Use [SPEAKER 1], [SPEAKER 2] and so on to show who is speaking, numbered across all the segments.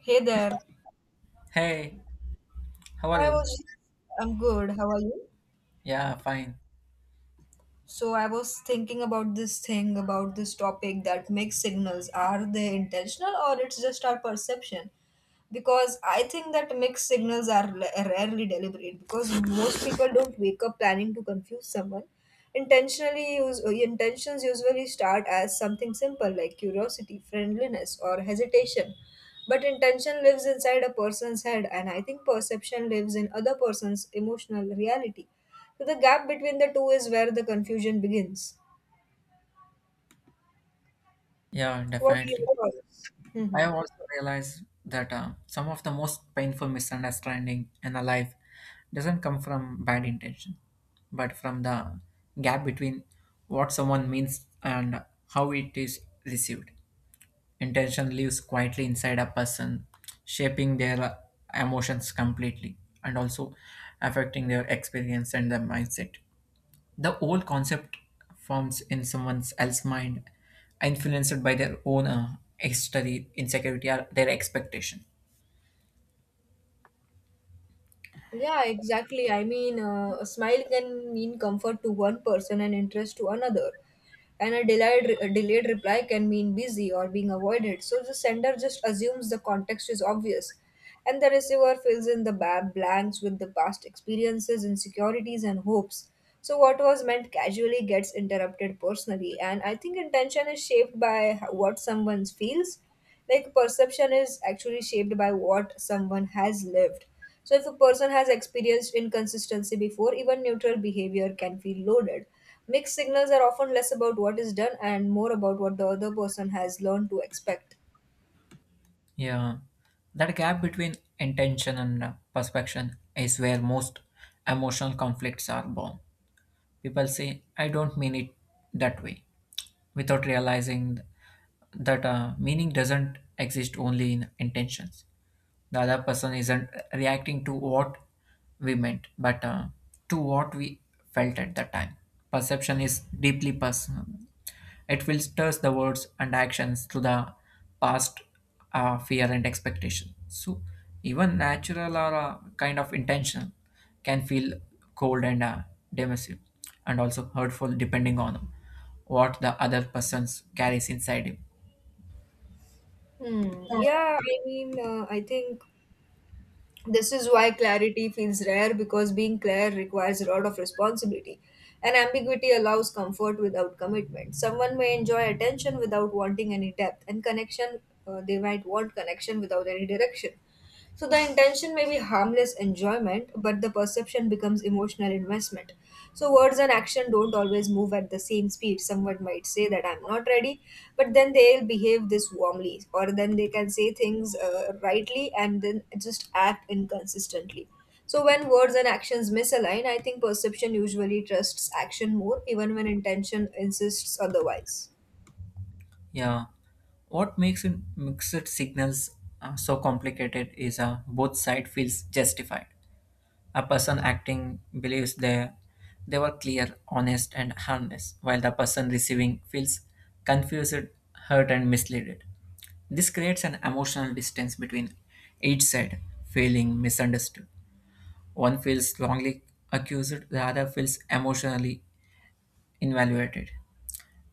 [SPEAKER 1] Hey there.
[SPEAKER 2] Hey, how are
[SPEAKER 1] I
[SPEAKER 2] you?
[SPEAKER 1] was, I'm good. How are you?
[SPEAKER 2] Yeah, fine.
[SPEAKER 1] So I was thinking about this topic that mixed signals. Are they intentional or it's just our perception? Because I think that mixed signals are rarely deliberate because most people don't wake up planning to confuse someone. Intentions usually start as something simple like curiosity, friendliness, or hesitation. But intention lives inside a person's head, and I think perception lives in other person's emotional reality. So the gap between the two is where the confusion begins.
[SPEAKER 2] Yeah,
[SPEAKER 1] What do
[SPEAKER 2] definitely.
[SPEAKER 1] you call this?
[SPEAKER 2] I have also realized that some of the most painful misunderstanding in a life doesn't come from bad intention, but from the gap between what someone means and how it is received. Intention lives quietly inside a person, shaping their emotions completely, and also affecting their experience and their mindset. The whole concept forms in someone else's mind, influenced by their own history, insecurity, or their expectation.
[SPEAKER 1] Yeah, exactly. I mean, a smile can mean comfort to one person and interest to another. And a delayed reply can mean busy or being avoided. So the sender just assumes the context is obvious. And the receiver fills in the blanks with the past experiences, insecurities, and hopes. So what was meant casually gets interrupted personally. And I think intention is shaped by what someone feels. Like perception is actually shaped by what someone has lived. So, if a person has experienced inconsistency before, even neutral behavior can feel loaded. Mixed signals are often less about what is done and more about what the other person has learned to expect.
[SPEAKER 2] Yeah, that gap between intention and perception is where most emotional conflicts are born. People say, "I don't mean it that way," without realizing that meaning doesn't exist only in intentions. The other person isn't reacting to what we meant, but to what we felt at the time. Perception is deeply personal. It filters the words and actions through the past fear and expectation. So even natural or kind of intentional can feel cold and dismissive, and also hurtful, depending on what the other person carries inside him.
[SPEAKER 1] Hmm. Yeah, I mean, I think this is why clarity feels rare because being clear requires a lot of responsibility. And ambiguity allows comfort without commitment. Someone may enjoy attention without wanting any depth, and connection, they might want connection without any direction. So the intention may be harmless enjoyment, but the perception becomes emotional investment. So words and action don't always move at the same speed. Someone might say that I'm not ready, but then they'll behave this warmly, or then they can say things rightly and then just act inconsistently. So when words and actions misalign, I think perception usually trusts action more, even when intention insists otherwise.
[SPEAKER 2] Yeah, what makes it mixed signals so complicated is both side feels justified. A person acting believes they were clear, honest, and harmless, while the person receiving feels confused, hurt, and misled. This creates an emotional distance between each side, feeling misunderstood. One feels wrongly accused, the other feels emotionally invaluated,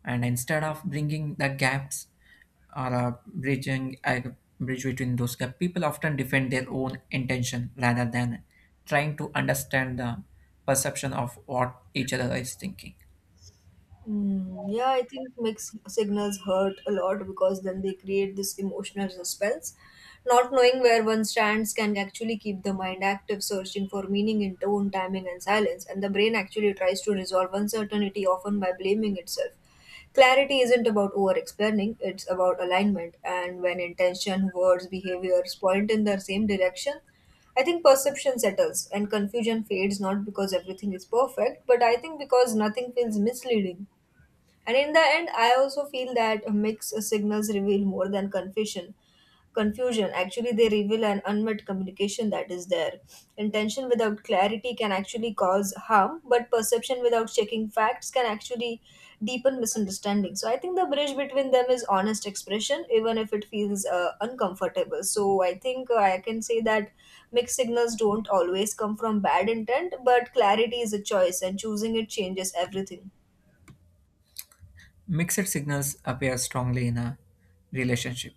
[SPEAKER 2] and instead of bringing the gaps or bridging a bridge between those gaps, people often defend their own intention rather than trying to understand the perception of what each other is thinking.
[SPEAKER 1] Mm, yeah, I think mixed signals hurt a lot because then they create this emotional suspense. Not knowing where one stands can actually keep the mind active, searching for meaning in tone, timing, and silence. And the brain actually tries to resolve uncertainty often by blaming itself. Clarity isn't about over explaining, it's about alignment. And when intention, words, behaviors point in the same direction, I think perception settles and confusion fades not because everything is perfect, but I think because nothing feels misleading. And in the end, I also feel that mixed signals reveal more than confusion. Confusion actually they reveal an unmet communication that is there. Intention without clarity can actually cause harm, but perception without checking facts can actually deepen misunderstanding. So I think the bridge between them is honest expression, even if it feels uncomfortable. So I think I can say that mixed signals don't always come from bad intent, but clarity is a choice, and choosing it changes everything.
[SPEAKER 2] Mixed signals appear strongly in a relationship,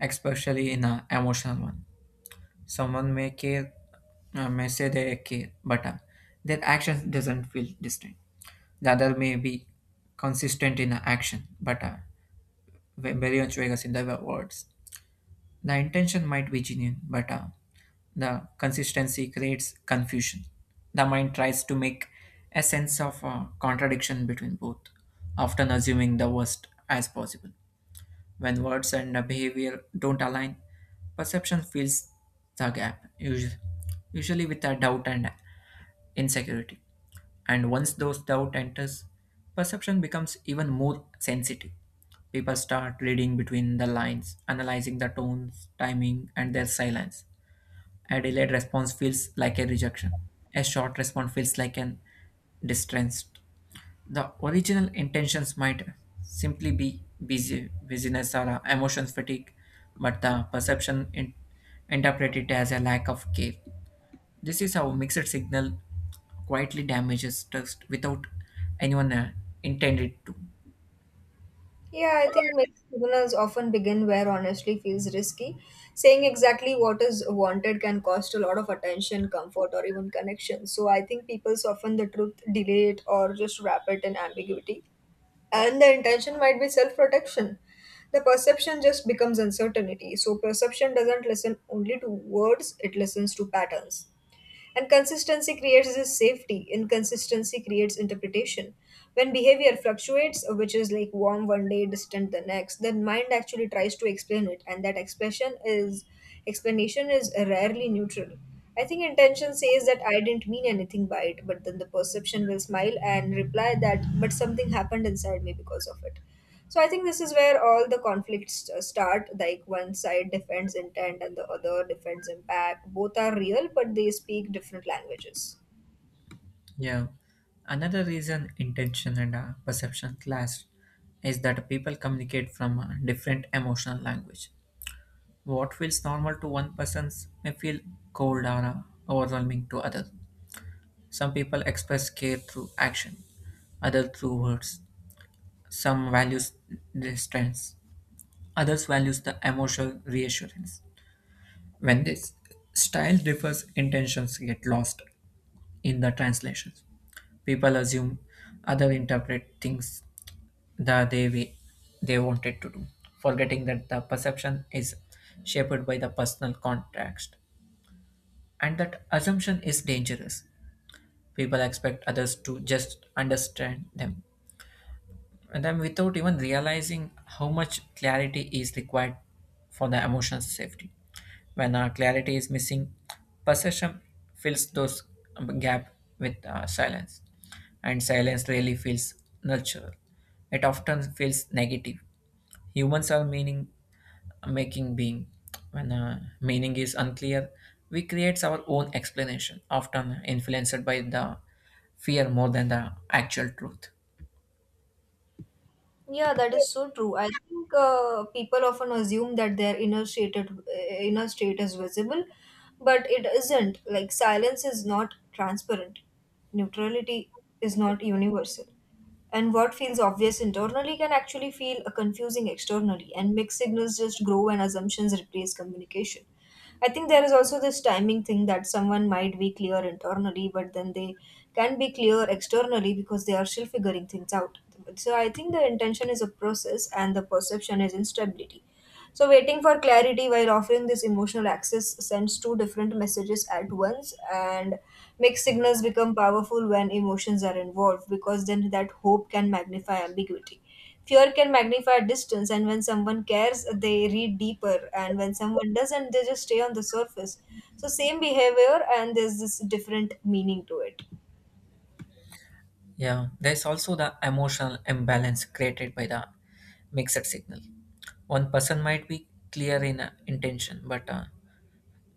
[SPEAKER 2] especially in an emotional one. Someone may care, may say they care, but their actions doesn't feel distinct. The other may be consistent in action, but very much Vegas in the words. The intention might be genuine, but the consistency creates confusion. The mind tries to make a sense of contradiction between both, often assuming the worst as possible. When words and behavior don't align, perception fills the gap, usually with a doubt and insecurity. And once those doubt enters, perception becomes even more sensitive. People start reading between the lines, analyzing the tones, timing, and their silence. A delayed response feels like a rejection. A short response feels like an distrust. The original intentions might simply be busyness or emotions fatigue, but the perception interpret it as a lack of care. This is how mixed signal quietly damages trust without anyone intended to.
[SPEAKER 1] Yeah, I think many signals often begin where honestly feels risky. Saying exactly what is wanted can cost a lot of attention, comfort, or even connection. So I think people soften the truth, delay it, or just wrap it in ambiguity. And the intention might be self protection. The perception just becomes uncertainty. So perception doesn't listen only to words, it listens to patterns. And consistency creates this safety. Inconsistency creates interpretation. When behavior fluctuates, which is like warm one day, distant the next, then mind actually tries to explain it, and that expression is explanation is rarely neutral. I think intention says that I didn't mean anything by it, but then the perception will smile and reply that but something happened inside me because of it. So I think this is where all the conflicts start. Like one side defends intent and the other defends impact. Both are real, but they speak different languages.
[SPEAKER 2] Yeah. Another reason intention and perception clash is that people communicate from a different emotional language. What feels normal to one person may feel cold or overwhelming to others. Some people express care through action, others through words. Some values distance, others values the emotional reassurance. When this style differs, intentions get lost in the translations. People assume other interpret things the they way they wanted to do, forgetting that the perception is shaped by the personal context, and that assumption is dangerous. People expect others to just understand them, and then without even realizing how much clarity is required for the emotional safety. When clarity is missing, possession fills those gap with silence, and silence really feels natural. It often feels negative. Humans are meaning making being. When meaning is unclear, we create our own explanation, often influenced by the fear more than the actual truth.
[SPEAKER 1] Yeah, that is so true. I think people often assume that their inner state is visible, but it isn't. Like silence is not transparent. Neutrality is not universal. And what feels obvious internally can actually feel confusing externally, and mixed signals just grow when assumptions replace communication. I think there is also this timing thing that someone might be clear internally, but then they can be clear externally because they are still figuring things out. So I think the intention is a process and the perception is instability. So waiting for clarity while offering this emotional access sends two different messages at once and makes signals become powerful when emotions are involved because then that hope can magnify ambiguity. Fear can magnify distance, and when someone cares, they read deeper, and when someone doesn't, they just stay on the surface. So, same behavior, and there's this different meaning to it.
[SPEAKER 2] Yeah, there's also the emotional imbalance created by the mixed signal. One person might be clear in intention, but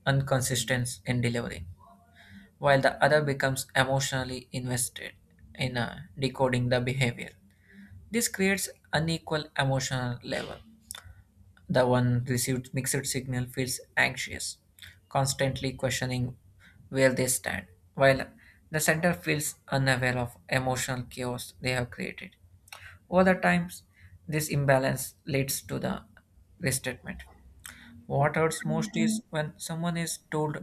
[SPEAKER 2] inconsistent in delivery, while the other becomes emotionally invested in decoding the behavior. This creates unequal emotional level. The one received mixed signal feels anxious, constantly questioning where they stand, while the center feels unaware of emotional chaos they have created. Over the times, this imbalance leads to the restatement. What hurts most is when someone is told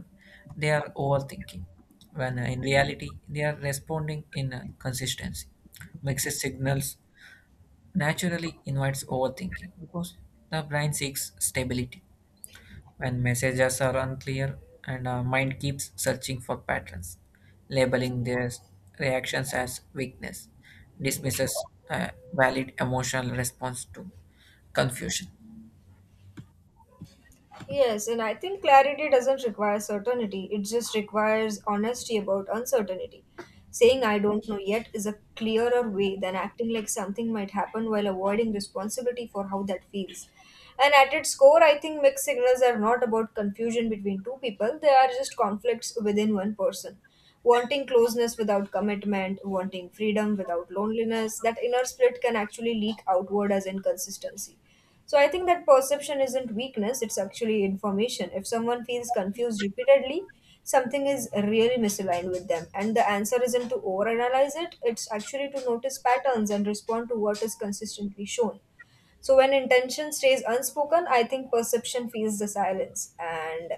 [SPEAKER 2] they are overthinking, when in reality they are responding in consistency. Mixed signals naturally invites overthinking because the brain seeks stability when messages are unclear, and our mind keeps searching for patterns, labeling their reactions as weakness, dismisses a valid emotional response to confusion.
[SPEAKER 1] Yes, and I think clarity doesn't require certainty, it just requires honesty about uncertainty. Saying I don't know yet is a clearer way than acting like something might happen while avoiding responsibility for how that feels. And at its core, I think mixed signals are not about confusion between two people, they are just conflicts within one person. Wanting closeness without commitment, wanting freedom without loneliness, that inner split can actually leak outward as inconsistency. So I think that perception isn't weakness, it's actually information. If someone feels confused repeatedly, something is really misaligned with them. And the answer isn't to overanalyze it, it's actually to notice patterns and respond to what is consistently shown. So when intention stays unspoken, I think perception feels the silence. And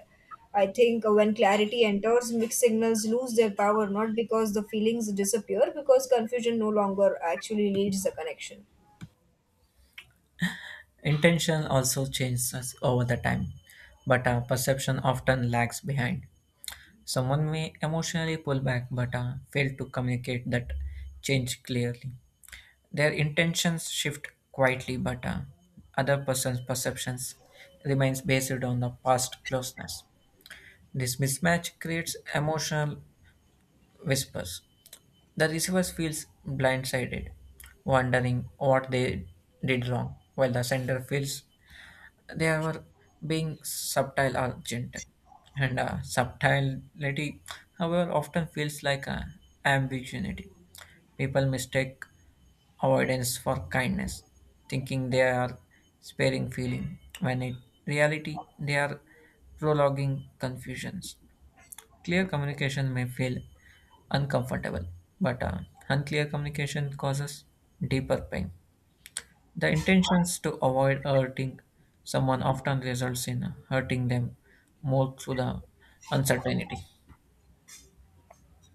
[SPEAKER 1] I think when clarity enters, mixed signals lose their power, not because the feelings disappear, because confusion no longer actually leads the connection.
[SPEAKER 2] Intention also changes over the time, but our perception often lags behind. Someone may emotionally pull back but fail to communicate that change clearly. Their intentions shift quietly, but other person's perceptions remains based on the past closeness. This mismatch creates emotional whispers. The receiver feels blindsided, wondering what they did wrong, while the sender feels they were being subtle or gentle. And subtlety, however, often feels like ambiguity. People mistake avoidance for kindness, thinking they are sparing feeling, when in reality they are prolonging confusions. Clear communication may feel uncomfortable, but unclear communication causes deeper pain. The intentions to avoid hurting someone often results in hurting them more through the uncertainty.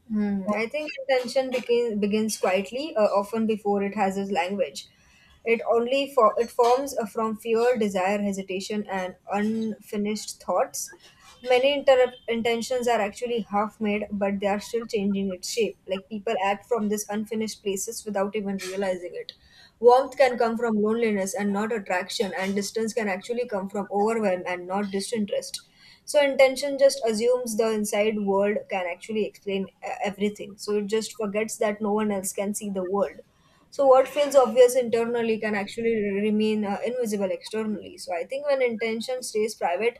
[SPEAKER 1] Hmm. I think begins quietly, often before it has its language. It forms from fear, desire, hesitation, and unfinished thoughts. Many intentions are actually half made, but they are still changing its shape. Like people act from these unfinished places without even realizing it. Warmth can come from loneliness and not attraction, and distance can actually come from overwhelm and not disinterest. So, intention just assumes the inside world can actually explain everything. So, it just forgets that no one else can see the world. So, what feels obvious internally can actually remain invisible externally. So, I think when intention stays private,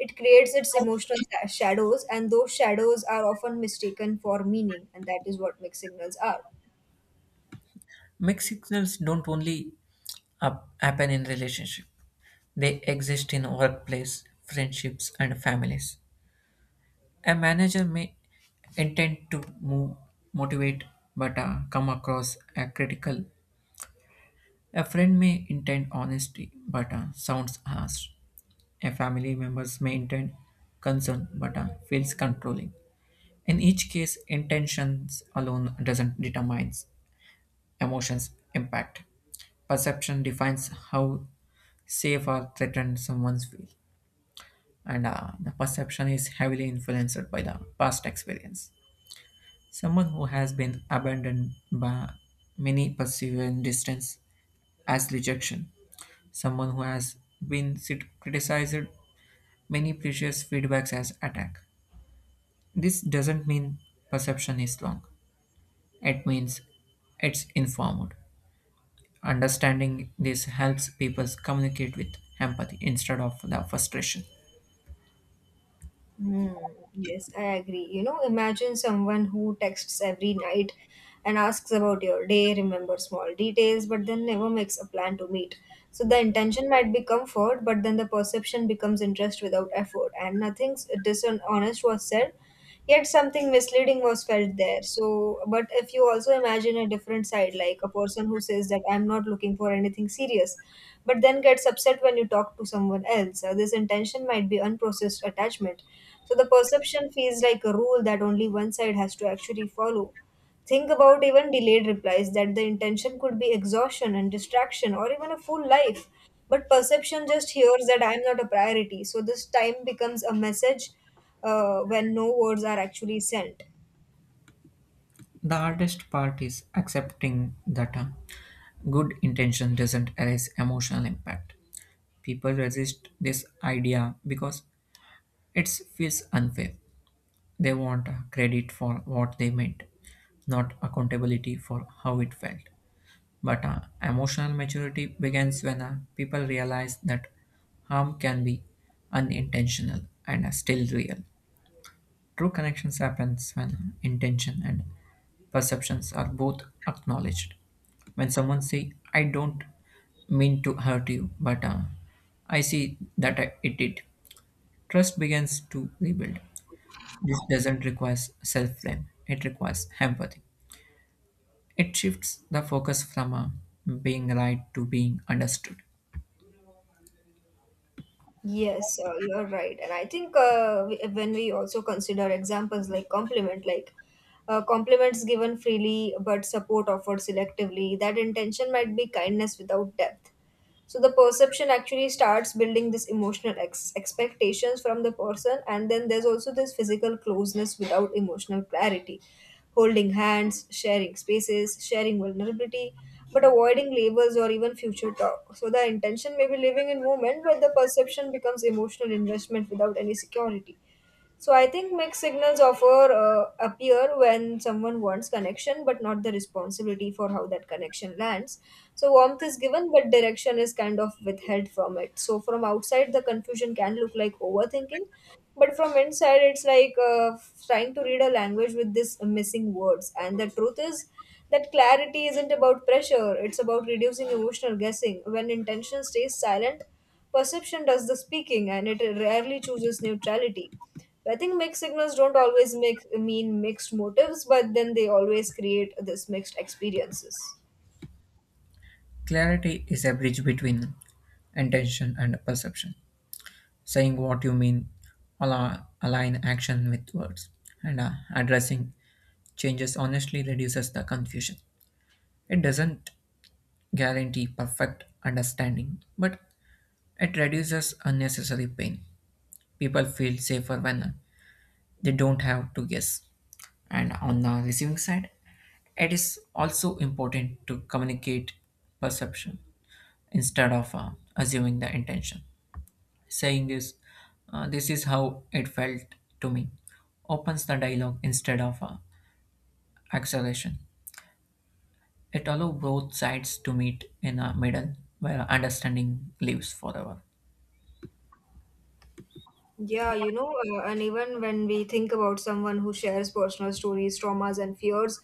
[SPEAKER 1] it creates its emotional shadows, and those shadows are often mistaken for meaning, and that is what mixed signals are.
[SPEAKER 2] Mixed signals don't only happen in relationship; they exist in workplace, friendships, and families. A manager may intend to move, motivate, but come across as critical. A friend may intend honesty, but sounds harsh. A family members may intend concern, but feels controlling. In each case, intentions alone doesn't determine emotions impact. Perception defines how safe or threatened someone feels, and the perception is heavily influenced by the past experience. Someone who has been abandoned by many perceive distance as rejection. Someone who has been criticized many previous feedbacks as attack. This doesn't mean perception is wrong. It means it's informed. Understanding this helps people communicate with empathy instead of the frustration.
[SPEAKER 1] Hmm. Yes, I agree. You know, imagine someone who texts every night and asks about your day, remember small details, but then never makes a plan to meet. So the intention might be comfort, but then the perception becomes interest without effort, and nothing dishonest was said yet something misleading was felt there. So but if you also imagine a different side, like a person who says that I'm not looking for anything serious but then gets upset when you talk to someone else. This intention might be unprocessed attachment, so the perception feels like a rule that only one side has to actually follow. Think about even delayed replies, that the intention could be exhaustion and distraction or even a full life. But perception just hears that I'm not a priority. So this time becomes a message when no words are actually sent.
[SPEAKER 2] The hardest part is accepting the term. Good intention doesn't erase emotional impact. People resist this idea because it feels unfair. They want credit for what they made, not accountability for how it felt. But emotional maturity begins when people realize that harm can be unintentional and still real. True connections happens when intention and perceptions are both acknowledged. When someone say, "I don't mean to hurt you, but I see that it did," trust begins to rebuild. This doesn't require self-blame; it requires empathy. It shifts the focus from being right to being understood.
[SPEAKER 1] Yes, you are right. And I think when we also consider examples like compliments given freely but support offered selectively, that intention might be kindness without depth. So the perception actually starts building this emotional expectations from the person, and then there's also this physical closeness without emotional clarity, holding hands, sharing spaces, sharing vulnerability but avoiding labels or even future talk. So the intention may be living in moment, but the perception becomes emotional investment without any security. So I think mixed signals offer appear when someone wants connection, but not the responsibility for how that connection lands. So warmth is given, but direction is kind of withheld from it. So from outside, the confusion can look like overthinking, but from inside, it's like trying to read a language with this missing words. And the truth is that clarity isn't about pressure; it's about reducing emotional guessing. When intention stays silent, perception does the speaking and it rarely chooses neutrality. I think mixed signals don't always mean mixed motives, but then they always create this mixed experiences.
[SPEAKER 2] Clarity is a bridge between intention and perception. Saying what you mean, align action with words, and addressing changes honestly reduces the confusion. It doesn't guarantee perfect understanding, but it reduces unnecessary pain. People feel safer when they don't have to guess. And on the receiving side, it is also important to communicate perception instead of assuming the intention. Saying this is how it felt to me, opens the dialogue instead of acceleration. It allows both sides to meet in a middle where understanding lives forever.
[SPEAKER 1] Yeah, you know, and even when we think about someone who shares personal stories, traumas, and fears,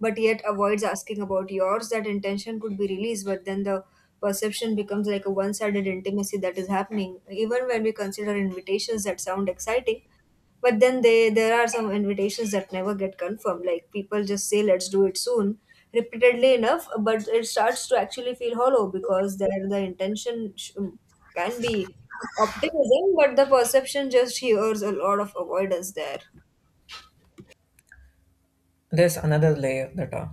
[SPEAKER 1] but yet avoids asking about yours, that intention could be released, but then the perception becomes like a one sided intimacy that is happening. Even when we consider invitations that sound exciting, but then they there are some invitations that never get confirmed, like people just say let's do it soon repeatedly enough, but it starts to actually feel hollow because there the intention can be optimism, but the perception just hears a lot of avoidance there.
[SPEAKER 2] There's another layer that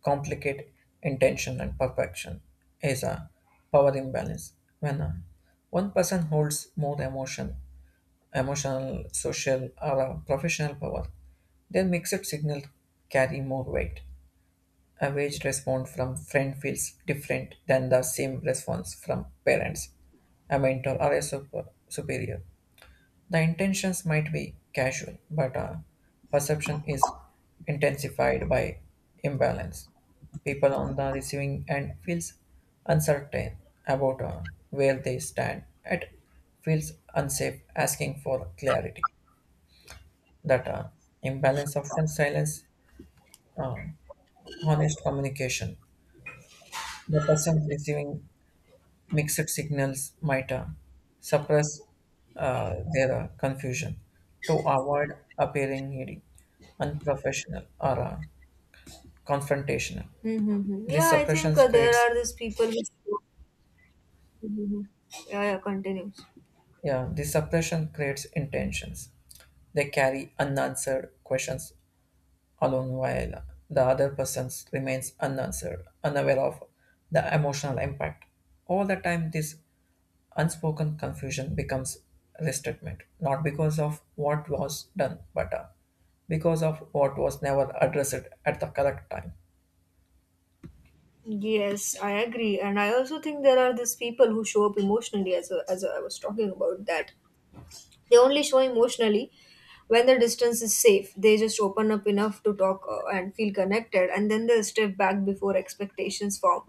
[SPEAKER 2] complicate intention and perfection is a power imbalance. When one person holds more emotional, social, or professional power, their mixed signal carry more weight. A wage response from friend feels different than the same response from parents, a mentor, or a superior. The intentions might be casual, but perception is intensified by imbalance. People on the receiving end feels uncertain about where they stand. It feels unsafe asking for clarity. That imbalance often silence uh, honest communication. The person receiving mixed signals might suppress their confusion to avoid appearing needy, unprofessional, or confrontational.
[SPEAKER 1] Mm-hmm.
[SPEAKER 2] This
[SPEAKER 1] Yeah, I
[SPEAKER 2] suppression
[SPEAKER 1] think there
[SPEAKER 2] creates
[SPEAKER 1] are these people which— Mhm. Yeah, yeah, continue.
[SPEAKER 2] yeah, this suppression creates intentions. They carry unanswered questions alone while the other person remains unanswered, unaware of the emotional impact. All the time, this unspoken confusion becomes resentment, not because of what was done, but because of what was never addressed at the correct time.
[SPEAKER 1] Yes, I agree, and I also think there are these people who show up emotionally, as I was talking about that, they only show emotionally when the distance is safe. They just open up enough to talk and feel connected, and then they step back before expectations form.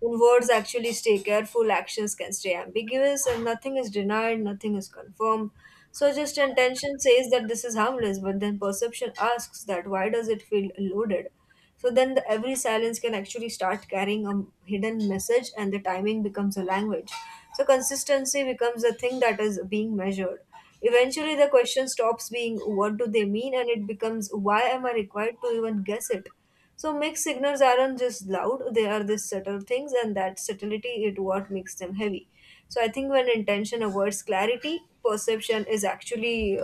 [SPEAKER 1] When words actually stay careful, actions can stay ambiguous, and nothing is denied, nothing is confirmed. So, just intention says that this is harmless, but then perception asks that why does it feel loaded? So then every silence can actually start carrying a hidden message, and the timing becomes a language. So consistency becomes the thing that is being measured. Eventually the question stops being what do they mean, and it becomes why am I required to even guess it? So mixed signals aren't just loud, they are these subtle things, and that subtlety is what makes them heavy. So I think when intention avoids clarity, perception is actually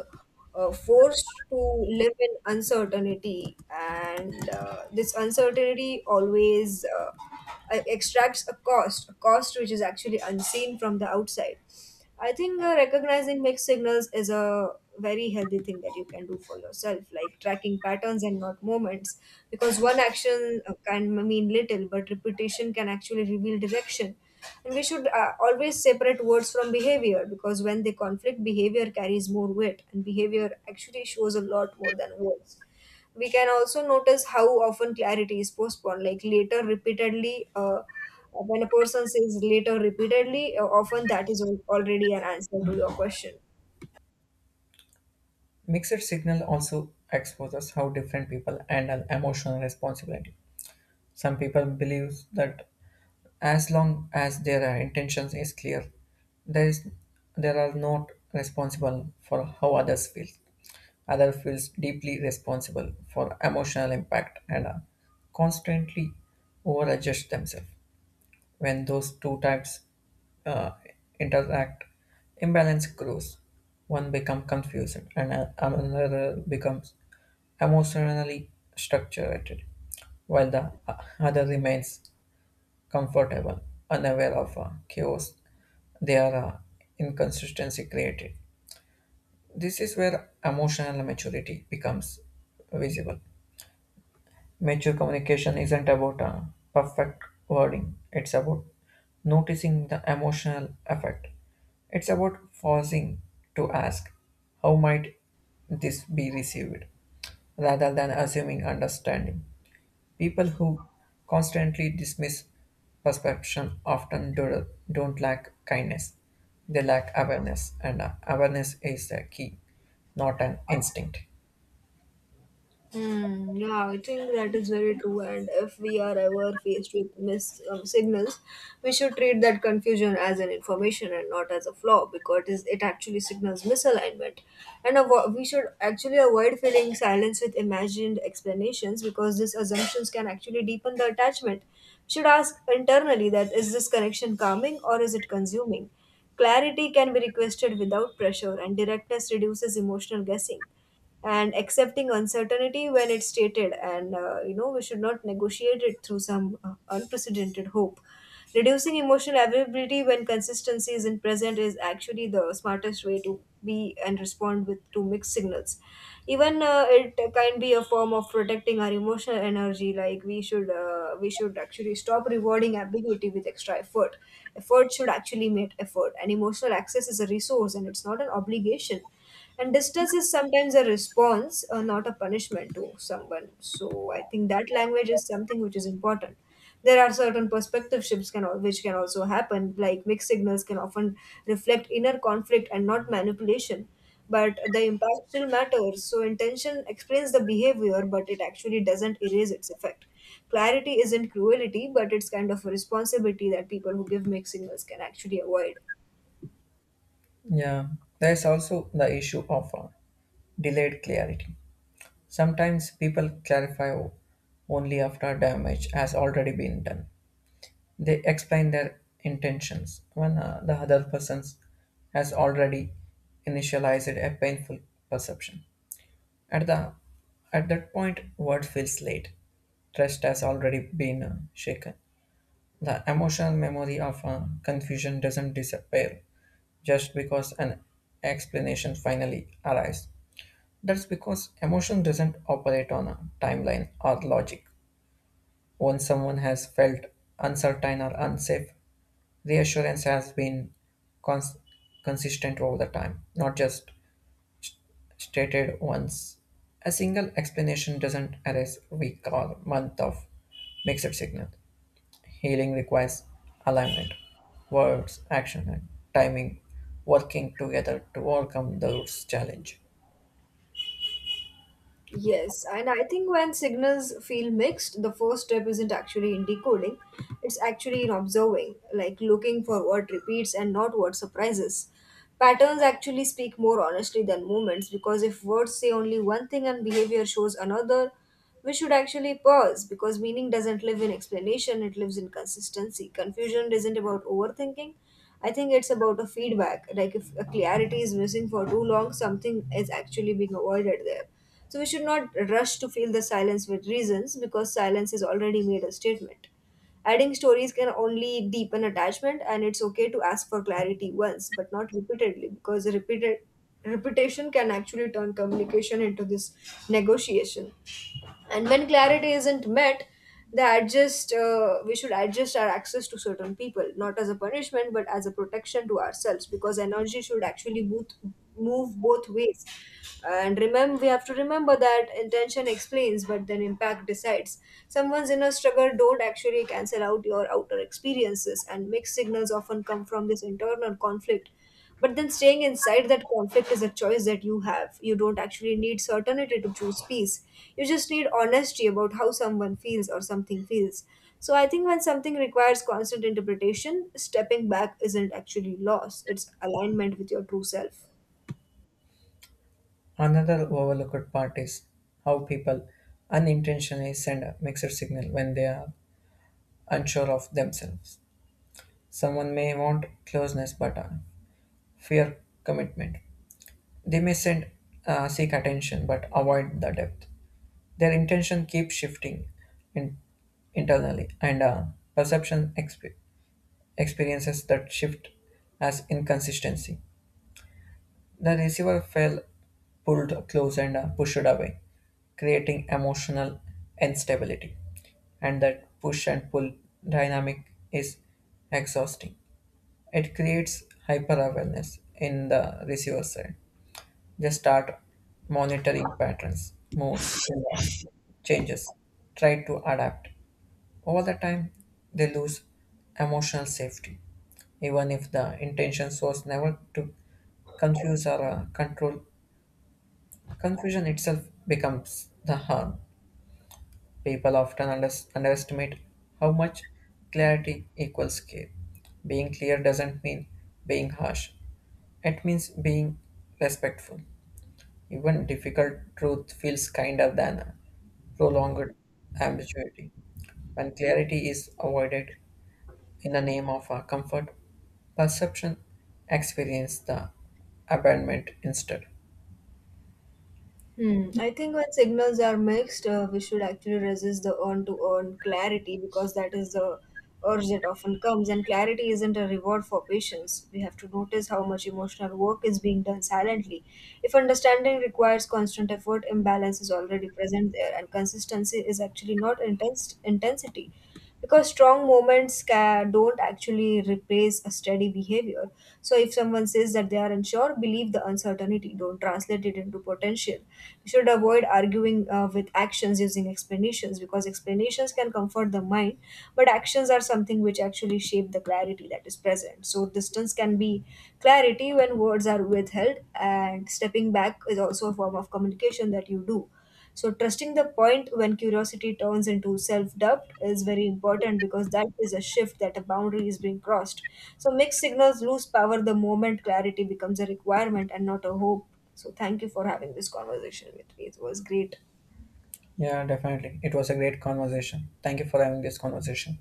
[SPEAKER 1] forced to live in uncertainty, and this uncertainty always extracts a cost which is actually unseen from the outside. I think recognizing mixed signals is a very healthy thing that you can do for yourself, like tracking patterns and not moments, because one action can mean little, but repetition can actually reveal direction. And we should always separate words from behavior, because when they conflict, behavior carries more weight, and behavior actually shows a lot more than words. We can also notice how often clarity is postponed, like later repeatedly. When a person says later repeatedly, often that is already an answer to your question.
[SPEAKER 2] Mixed signal also exposes how different people handle emotional responsibility. Some people believe that as long as their intentions is clear, there is there are not responsible for how others feel. Other feels deeply responsible for emotional impact, and constantly over adjust themselves. When those two types uh, interact, imbalance grows. One becomes confused, and another becomes emotionally structured, while the other remains comfortable, unaware of chaos their inconsistency created. This is where emotional maturity becomes visible. Mature communication isn't about perfect wording, it's about noticing the emotional effect. It's about pausing to ask, how might this be received, rather than assuming understanding. People who constantly dismiss perception often don't lack kindness. They lack awareness, and awareness is the key, not an instinct.
[SPEAKER 1] Mm, yeah, I think that is very true. And if we are ever faced with mis signals, we should treat that confusion as an information and not as a flaw, because it actually signals misalignment. And we should actually avoid filling silence with imagined explanations, because these assumptions can actually deepen the attachment. We should ask internally that is this connection calming, or is it consuming? Clarity can be requested without pressure, and directness reduces emotional guessing and accepting uncertainty when it's stated. And we should not negotiate it through some unprecedented hope. Reducing emotional availability when consistency isn't present is actually the smartest way to be and respond with to mixed signals. Even it can be a form of protecting our emotional energy. Like we should actually stop rewarding ambiguity with extra effort. Effort should actually meet effort, and emotional access is a resource and it's not an obligation. And distance is sometimes a response, not a punishment to someone. So I think that language is something which is important. There are certain perspective shifts which can also happen, like mixed signals can often reflect inner conflict and not manipulation. But the impact still matters. So intention explains the behavior, but it actually doesn't erase its effect. Clarity isn't cruelty, but it's kind of a responsibility that people who give mixed signals can actually avoid.
[SPEAKER 2] Yeah, there is also the issue of delayed clarity. Sometimes people clarify only after damage has already been done. They explain their intentions when the other person has already initialized a painful perception. At the at that point, word feels late. Trust has already been shaken. The emotional memory of confusion doesn't disappear just because an explanation finally arrives. That's because emotion doesn't operate on a timeline or logic. Once someone has felt uncertain or unsafe, reassurance has been cons- consistent over the time, not just stated once. A single explanation doesn't erase week or month of mixed signal. Healing requires alignment, words, action, and timing working together to overcome the root's challenge.
[SPEAKER 1] Yes, and I think when signals feel mixed, the first step isn't actually in decoding, it's actually in observing, like looking for what repeats and not what surprises. Patterns actually speak more honestly than moments, because if words say only one thing and behavior shows another, we should actually pause, because meaning doesn't live in explanation, it lives in consistency. Confusion isn't about overthinking. I think it's about a feedback. Like if a clarity is missing for too long, something is actually being avoided there. So we should not rush to fill the silence with reasons, because silence has already made a statement. Adding stories can only deepen attachment, and it's okay to ask for clarity once, but not repeatedly, because repeated repetition can actually turn communication into this negotiation. And when clarity isn't met, they adjust we should adjust our access to certain people, not as a punishment but as a protection to ourselves, because energy should actually both move both ways. And remember, we have to remember that intention explains, but then impact decides. Someone's inner struggle don't actually cancel out your outer experiences, and mixed signals often come from this internal conflict, but then staying inside that conflict is a choice that you have. You don't actually need certainty to choose peace. You just need honesty about how someone feels or something feels. So I think when something requires constant interpretation, stepping back isn't actually loss, it's alignment with your true self.
[SPEAKER 2] Another overlooked part is how people unintentionally send a mixed signal when they are unsure of themselves. Someone may want closeness but fear commitment. They may send seek attention but avoid the depth. Their intention keeps shifting in, internally, and perception experiences that shift as inconsistency. The receiver fell, pulled close, and pushed away, creating emotional instability. And that push and pull dynamic is exhausting. It creates hyper awareness in the receiver side. They start monitoring patterns, moods, and changes, try to adapt. Over the time, they lose emotional safety, even if the intention was never to confuse or control. Confusion itself becomes the harm. People often underestimate how much clarity equals care. Being clear doesn't mean being harsh, it means being respectful. Even difficult truth feels kinder than a prolonged ambiguity. When clarity is avoided in the name of a comfort, perception experience the abandonment instead.
[SPEAKER 1] Hmm. I think when signals are mixed, we should actually resist the earn clarity, because that is the urge that often comes. And clarity isn't a reward for patience. We have to notice how much emotional work is being done silently. If understanding requires constant effort, imbalance is already present there, and consistency is actually not intense intensity, because strong moments don't actually replace a steady behavior. So if someone says that they are unsure, believe the uncertainty. Don't translate it into potential. You should avoid arguing with actions using explanations, because explanations can comfort the mind, but actions are something which actually shape the clarity that is present. So distance can be clarity when words are withheld, and stepping back is also a form of communication that you do. So, trusting the point when curiosity turns into self doubt is very important, because that is a shift that a boundary is being crossed. So, mixed signals lose power the moment clarity becomes a requirement and not a hope. So, thank you for having this conversation with me. It was great.
[SPEAKER 2] Yeah, definitely. It was a great conversation. Thank you for having this conversation.